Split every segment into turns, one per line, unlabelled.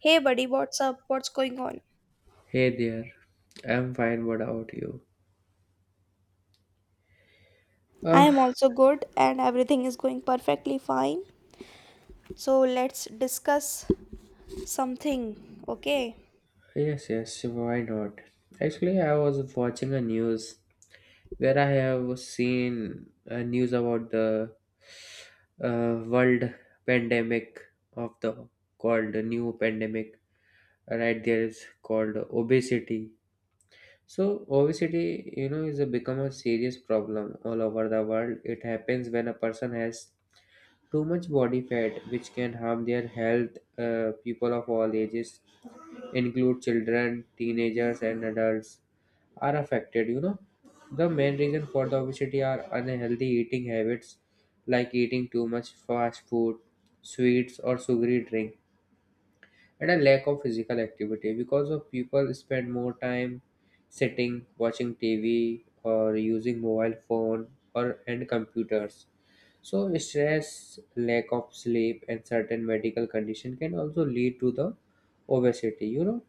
Hey buddy, what's up? What's going on?
Hey there, I'm fine. What about you?
I am
Ah,
also good and everything is going perfectly fine. So let's discuss something, okay?
yes, yes, why not? Actually, I was watching a news where I have seen a news about the world pandemic of the called the new pandemic. Right there is called obesity. So obesity, you know, is a become a serious problem all over the world. It happens when a person has too much body fat, which can harm their health. People of all ages include children, teenagers, and adults, are affected. You know, the main reason for the obesity are unhealthy eating habits like eating too much fast food, sweets, or sugary drink, and a lack of physical activity because of people spend more time sitting, watching TV, or using mobile phone or and computers. So stress, lack of sleep, and certain medical condition can also lead to the obesity. You know,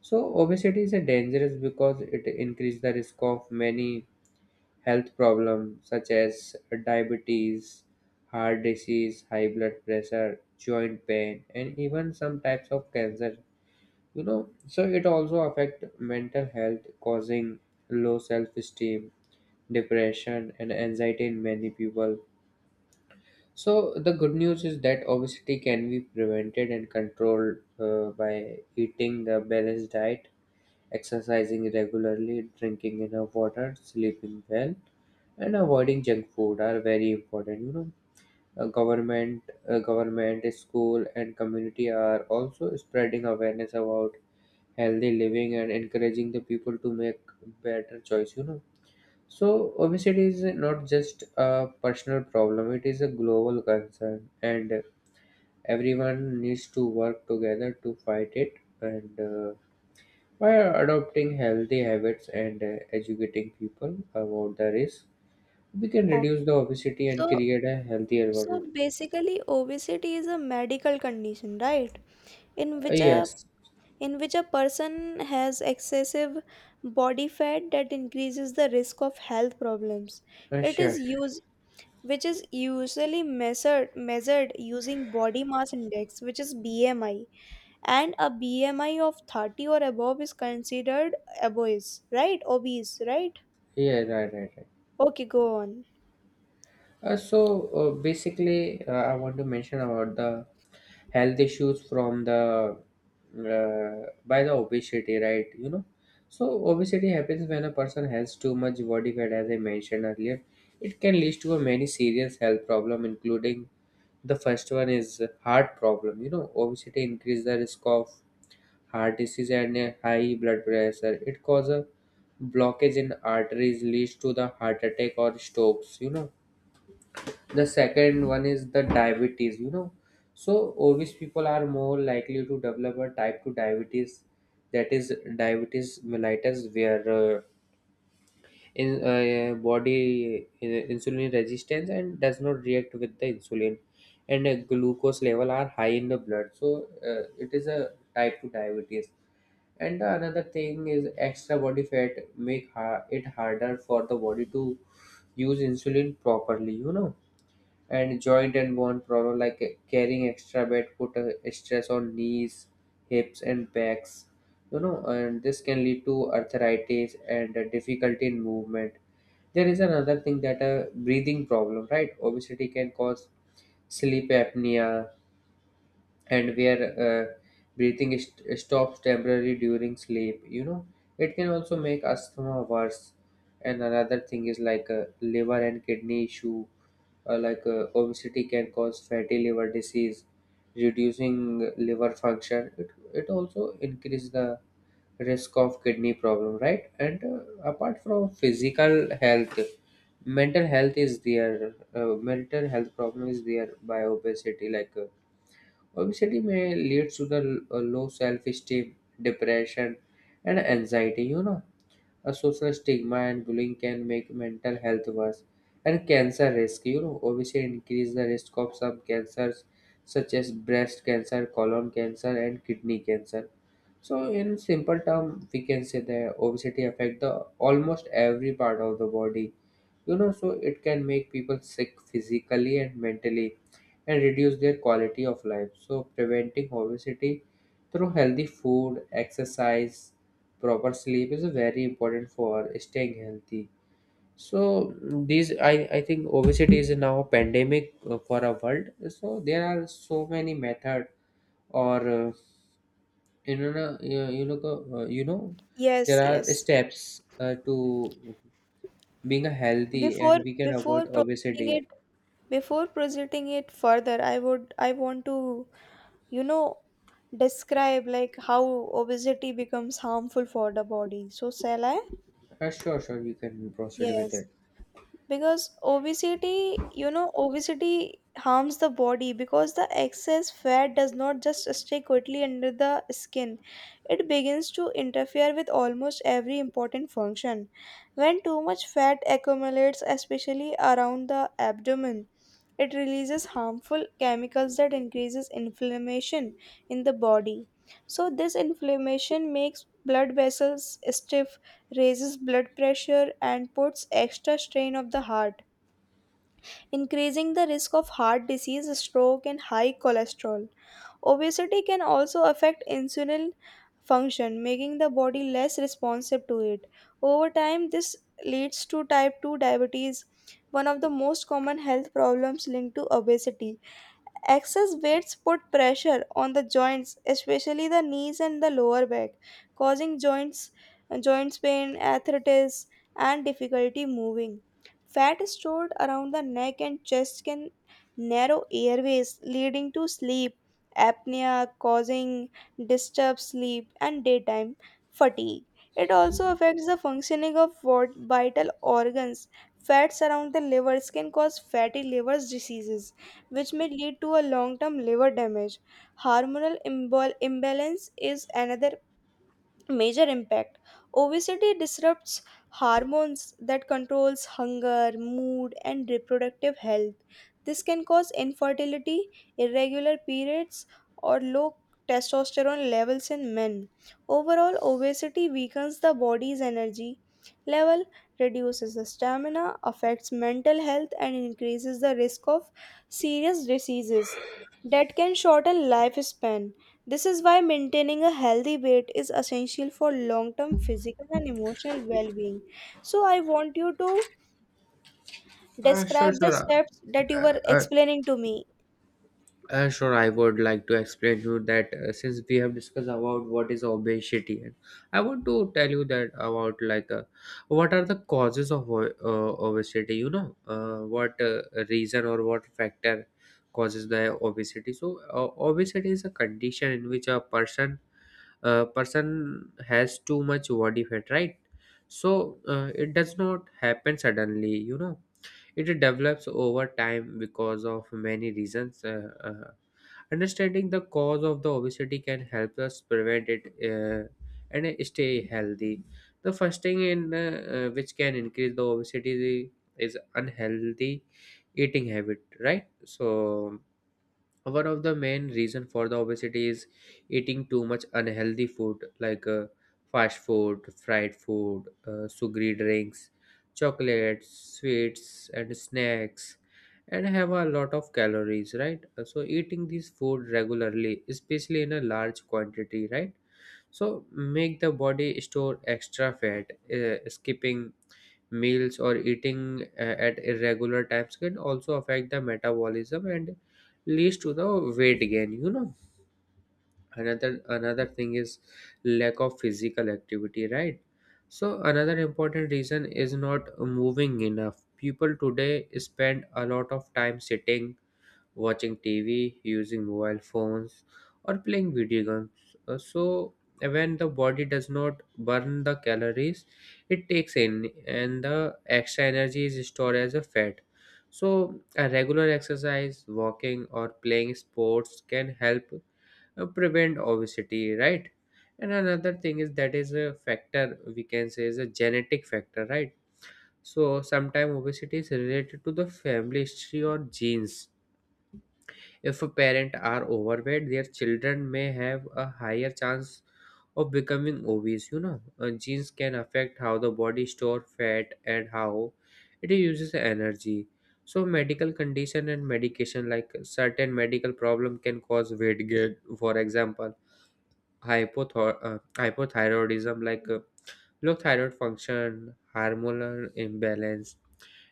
so obesity is a dangerous because it increases the risk of many health problems such as diabetes, heart disease, high blood pressure, joint pain, and even some types of cancer. You know, so it also affect mental health, causing low self-esteem, depression, and anxiety in many people. So the good news is that obesity can be prevented and controlled by eating the balanced diet. Exercising regularly, drinking enough water, sleeping well, and avoiding junk food are very important. You know, government, school, and community are also spreading awareness about healthy living and encouraging the people to make better choice. You know, so obesity is not just a personal problem; it is a global concern, and everyone needs to work together to fight it. And by adopting healthy habits and educating people about the risk, we can
Okay.
reduce the obesity and
So
create a healthier
so
world.
basically obesity is a medical condition, right? In which a
Yes,
in which a person has excessive body fat that increases the risk of health problems. It is
sure.
used Which is usually measured using body mass index, which is BMI, and a BMI of 30 or above is considered obese, right? Obese, right?
Yeah, right, right, right.
Okay, go on.
Uh, so basically, I want to mention about the health issues from the by the obesity, right? You know, so obesity happens when a person has too much body fat, as I mentioned earlier. It can lead to a many serious health problem, including the first one is heart problem. You know, obesity increase the risk of heart disease and a high blood pressure. It causes blockage in arteries, leads to the heart attack or strokes. You know, the second one is the diabetes. You know, so obese people are more likely to develop a type two diabetes, that is diabetes mellitus, where in body insulin resistance and does not react with the insulin and glucose level are high in the blood, so it is a type 2 diabetes. And the another thing is extra body fat make it harder for the body to use insulin properly, you know. And joint and bone problem, like carrying extra weight put a stress on knees, hips and backs, you know. And this can lead to arthritis and difficulty in movement. There is another thing, that a breathing problem, right? Obesity can cause sleep apnea, and where uh, stops temporarily during sleep, you know. It can also make asthma worse. And another thing is like a liver and kidney issue, obesity can cause fatty liver disease, reducing liver function. It also increase the risk of kidney problem, right? And apart from physical health, mental health problem is there by obesity, like obesity may lead to the low self-esteem, depression, and anxiety, you know. A social stigma and bullying can make mental health worse. And cancer risk, you know, obesity increase the risk of some cancers such as breast cancer, colon cancer and kidney cancer. So, in simple term, we can say that obesity affect the almost every part of the body. You know, so it can make people sick physically and mentally, and reduce their quality of life. So, preventing obesity through healthy food, exercise, proper sleep is very important for staying healthy. So these, I think obesity is now a pandemic for our world. So there are so many methods or you know no, you you know
Yes,
there are
yes.
steps to being a healthy,
Before
and we can avoid
before
obesity.
proceeding it further, I want to, you know, describe like how obesity becomes harmful for the body. So shall I?
Sure, sure, you can proceed with
Yes.
it.
Because obesity you know obesity harms the body because the excess fat does not just stay quickly under the skin. It begins to interfere with almost every important function. When too much fat accumulates, especially around the abdomen, it releases harmful chemicals that increases inflammation in the body. So this inflammation makes blood vessels stiff, raises blood pressure, and puts extra strain of the heart, increasing the risk of heart disease, stroke, and high cholesterol. Obesity can also affect insulin function, making the body less responsive to it. Over time, this leads to type 2 diabetes, one of the most common health problems linked to obesity. Excess weights put pressure on the joints, especially the knees and the lower back, causing joints pain, arthritis, and difficulty moving. Fat stored around the neck and chest can narrow airways, leading to sleep apnea, causing disturbed sleep and daytime fatigue. It also affects the functioning of vital organs. Fats around the livers can cause fatty liver diseases, which may lead to a long term liver damage. Imbalance is another major impact. Obesity disrupts hormones that controls hunger, mood, and reproductive health. This can cause infertility, irregular periods, or low testosterone levels in men. Overall, obesity weakens the body's energy level, reduces the stamina, affects mental health, and increases the risk of serious diseases that can shorten lifespan. This is why maintaining a healthy weight is essential for long term physical and emotional well being. So, I want you to
uh,
describe
sure
the
sure
steps that you
uh,
were
uh,
explaining to me.
Sure, I would like to explain to you that since we have discussed about what is obesity, and I want to tell you that about like what are the causes of obesity. You know, what reason or what factor causes the obesity. So, obesity is a condition in which a person person has too much body fat, right? So it does not happen suddenly. You know, it develops over time because of many reasons. Understanding the cause of the obesity can help us prevent it, and stay healthy. The first thing in which can increase the obesity is unhealthy eating habit, right? So one of the main reason for the obesity is eating too much unhealthy food like fast food, fried food, sugary drinks, chocolates, sweets and snacks, and have a lot of calories, right? So eating this food regularly, especially in a large quantity, right, so make the body store extra fat. Skipping meals or eating at irregular times can also affect the metabolism and leads to the weight gain. You know, another thing is lack of physical activity, right? So another important reason is not moving enough. People today spend a lot of time sitting, watching TV, using mobile phones, or playing video games. So when the body does not burn the calories it takes in, and the extra energy is stored as a fat, so a regular exercise, walking or playing sports can help prevent obesity, right? And another thing, is that is a factor we can say is a genetic factor, right? So sometimes obesity is related to the family history or genes. If parents are overweight, their children may have a higher chance of becoming obese. You know, genes can affect how the body store fat and how it uses energy. So, medical condition and medication, like certain medical problem, can cause weight gain. For example, hypothyroidism, like low thyroid function, hormonal imbalance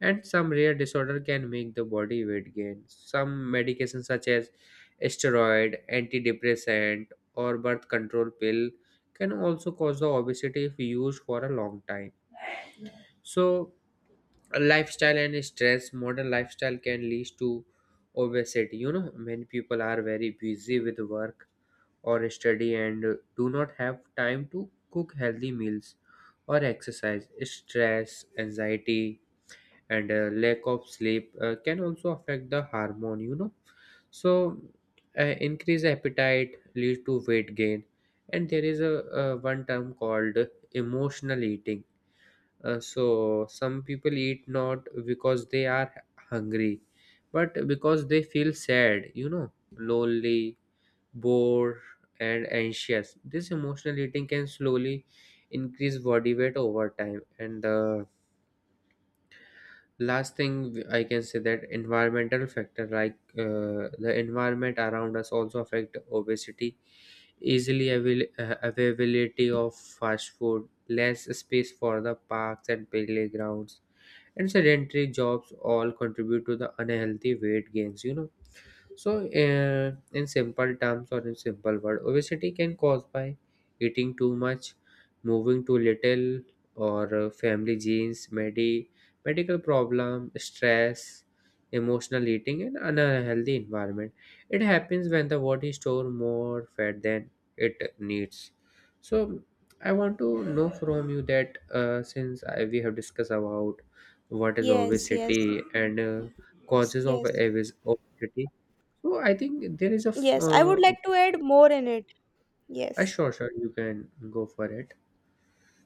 and some rare disorder can make the body weight gain. Some medications such as steroid, antidepressant or birth control pill can also cause the obesity if used for a long time. So, lifestyle and stress, modern lifestyle can lead to obesity, you know. Many people are very busy with work or study and do not have time to cook healthy meals or exercise. Stress, anxiety, and lack of sleep can also affect the hormone, you know. So, increased appetite leads to weight gain. And there is a one term called emotional eating. So some people eat not because they are hungry but because they feel sad, you know, lonely, bored, and anxious. This emotional eating can slowly increase body weight over time. And the last thing I can say, that environmental factor, like the environment around us also affect obesity. Easily availability of fast food, less space for the parks and playgrounds, and sedentary jobs all contribute to the unhealthy weight gains, you know. So, in simple terms or in simple word, obesity can cause by eating too much, moving too little, or family genes, medical problem, stress, emotional eating, and unhealthy environment. It happens when the body store more fat than it needs. So, I want to know from you that since we have discussed about what is
Yes, yes,
obesity and causes of
yes,
obesity, so I think there is a
yes. I would like to add more in it. Yes.
sure, sure, you can go for it.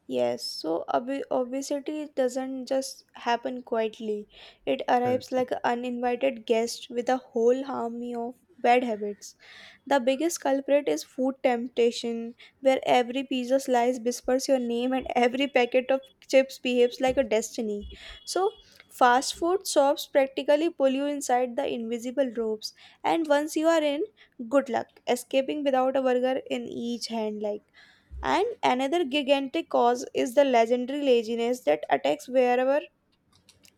Yes, so obesity doesn't just happen quietly. It
Uh,
arrives like an uninvited guest with a whole army of bad habits. The biggest culprit is food temptation, where every pizza slice whispers your name and every packet of chips behaves like a destiny. So, fast food shops practically pull you inside the invisible ropes, and once you are in, good luck escaping without a burger in each hand. Like, and another gigantic cause is the legendary laziness that attacks wherever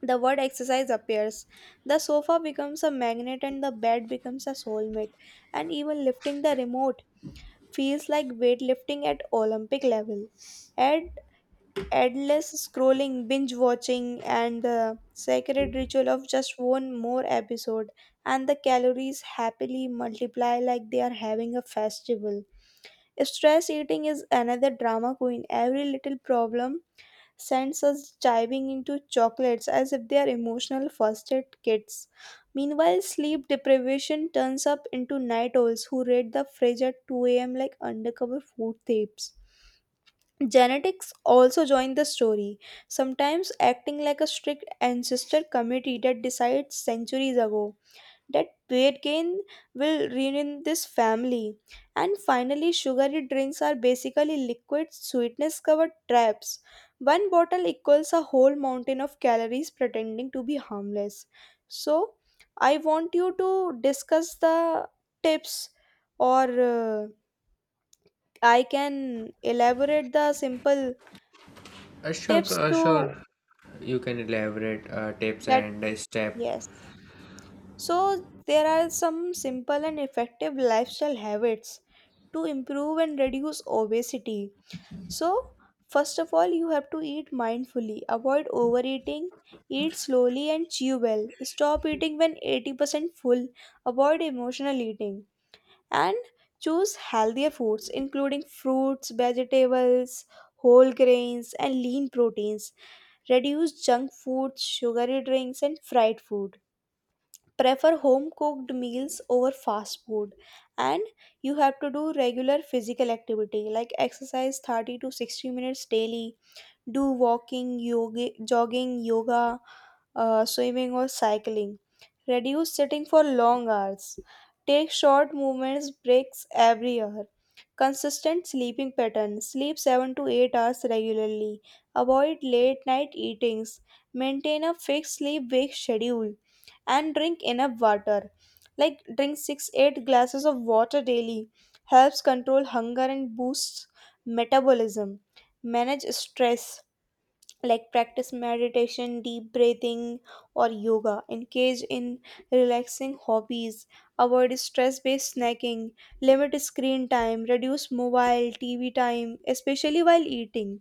the word exercise appears. The sofa becomes a magnet, and the bed becomes a soulmate, and even lifting the remote feels like weightlifting at Olympic level. Add endless scrolling, binge watching, and the sacred ritual of just one more episode, and the calories happily multiply like they are having a festival. Stress eating is another drama queen. Every little problem sends us diving into chocolates as if they are emotional first aid kits. Meanwhile, sleep deprivation turns up into night owls who raid the fridge at 2 a.m. like undercover food thieves. Genetics also join the story, sometimes acting like a strict ancestor committee that decided centuries ago that weight gain will ruin this family. And finally, sugary drinks are basically liquid sweetness covered traps. One bottle equals a whole mountain of calories pretending to be harmless. So, I want you to discuss the tips, or I can elaborate the simple
sure,
tips
sure,
to
you can elaborate tips
that.
and step.
Yes. So, there are some simple and effective lifestyle habits to improve and reduce obesity. So, first of all, you have to eat mindfully, avoid overeating, eat slowly and chew well, stop eating when 80% full, avoid emotional eating, and choose healthier foods including fruits, vegetables, whole grains, and lean proteins. Reduce junk foods, sugary drinks, and fried food. Prefer home cooked meals over fast food. And you have to do regular physical activity like exercise 30 to 60 minutes daily. Do walking, yoga, jogging, yoga, swimming, or cycling. Reduce sitting for long hours. Take short movements breaks every hour. Consistent sleeping pattern. Sleep 7 to 8 hours regularly. Avoid late night eatings. Maintain a fixed sleep wake schedule and drink enough water. Like drink 6 to 8 glasses of water daily. Helps control hunger and boosts metabolism. Manage stress like practice meditation, deep breathing, or yoga. Engage in relaxing hobbies. Avoid stress based snacking. Limit screen time. Reduce mobile tv time, especially while eating.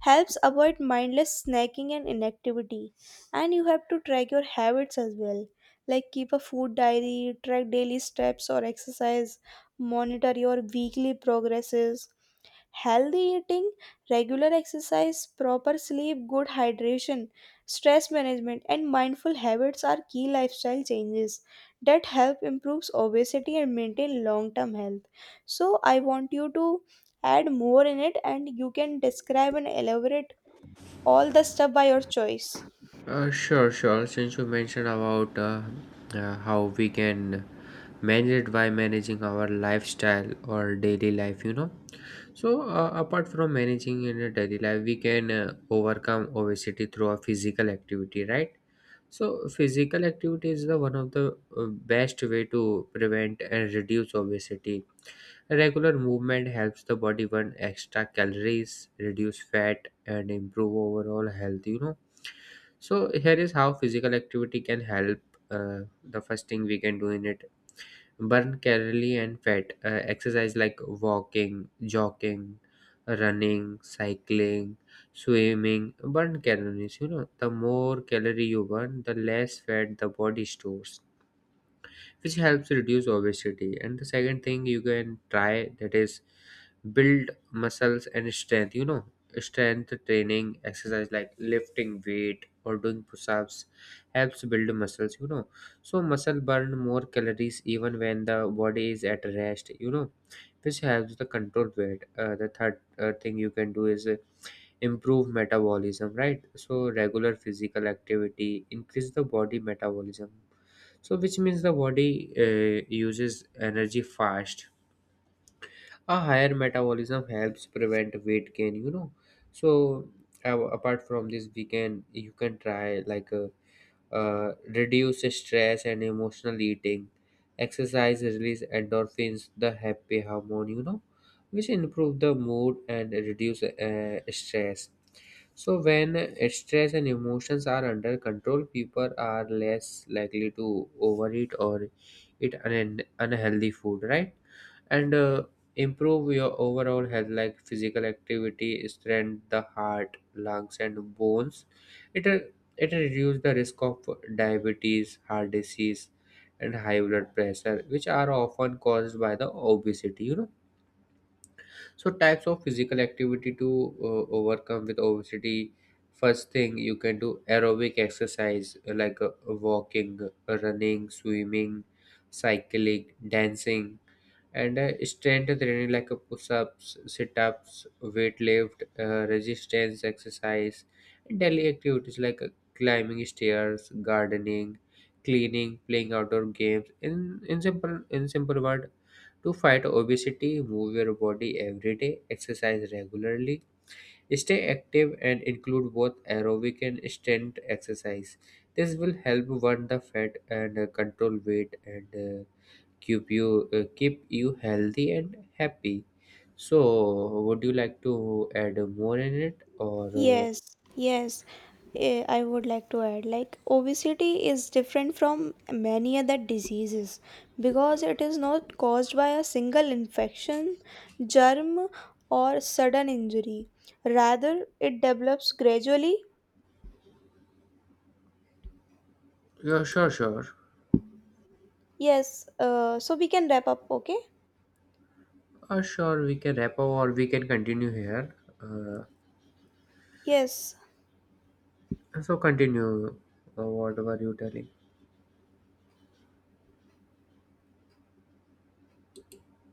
Helps avoid mindless snacking and inactivity. And you have to track your habits as well, like keep a food diary, track daily steps or exercise, monitor your weekly progresses. Healthy eating, regular exercise, proper sleep, good hydration, stress management, and mindful habits are key lifestyle changes that help improve obesity and maintain long term health. So, I want you to add more in it and you can describe and elaborate all the stuff by your choice.
Sure. Since you mentioned about how we can manage it by managing our lifestyle or daily life, you know. So apart from managing in a daily life, we can overcome obesity through a physical activity, right? So physical activity is the one of the best way to prevent and reduce obesity. Regular movement helps the body burn extra calories, reduce fat, and improve overall health. You know. So here is how physical activity can help. The first thing we can do in it, burn calorie and fat. Exercise like walking, jogging, running, cycling, swimming burn calories, you know. The more calorie you burn, the less fat the body stores, which helps reduce obesity. And the second thing you can try, that is build muscles and strength, you know. Strength training exercise like lifting weight or doing push-ups helps build muscles, you know. So muscle burn more calories even when the body is at rest, you know, which helps the control weight. The third thing you can do is improve metabolism, right? So regular physical activity increase the body metabolism, so, which means the body uses energy fast. A higher metabolism helps prevent weight gain, you know. So, apart from this, we can you can try like reduce stress and emotional eating. Exercise release endorphins, the happy hormone, you know, which improve the mood and reduce stress. So when stress and emotions are under control, people are less likely to overeat or eat unhealthy food, right? And improve your overall health, like physical activity, strengthen the heart, lungs, and bones. It uh, it reduces the risk of diabetes, heart disease, and high blood pressure, which are often caused by the obesity. You know, so types of physical activity to overcome with obesity. First thing you can do, aerobic exercise, like walking, running, swimming, cycling, dancing, and strength training like a push-ups, sit-ups, weight lift, resistance exercise, and daily activities like climbing stairs, gardening, cleaning, playing outdoor games. In simple word, to fight obesity, move your body every day, exercise regularly, stay active, and include both aerobic and strength exercise. This will help burn the fat and control weight and keep you keep you healthy and happy. So, would you like to add more in it, or
Yes, yes. Eh, I would like to add like obesity is different from many other diseases because it is not caused by a single infection, germ, or sudden injury. Rather, it develops gradually.
yeah, sure, sure,
Yes, so we can wrap up, okay?
sure. We can wrap up, or we can continue here. Uh,
Yes.
so continue whatever you telling.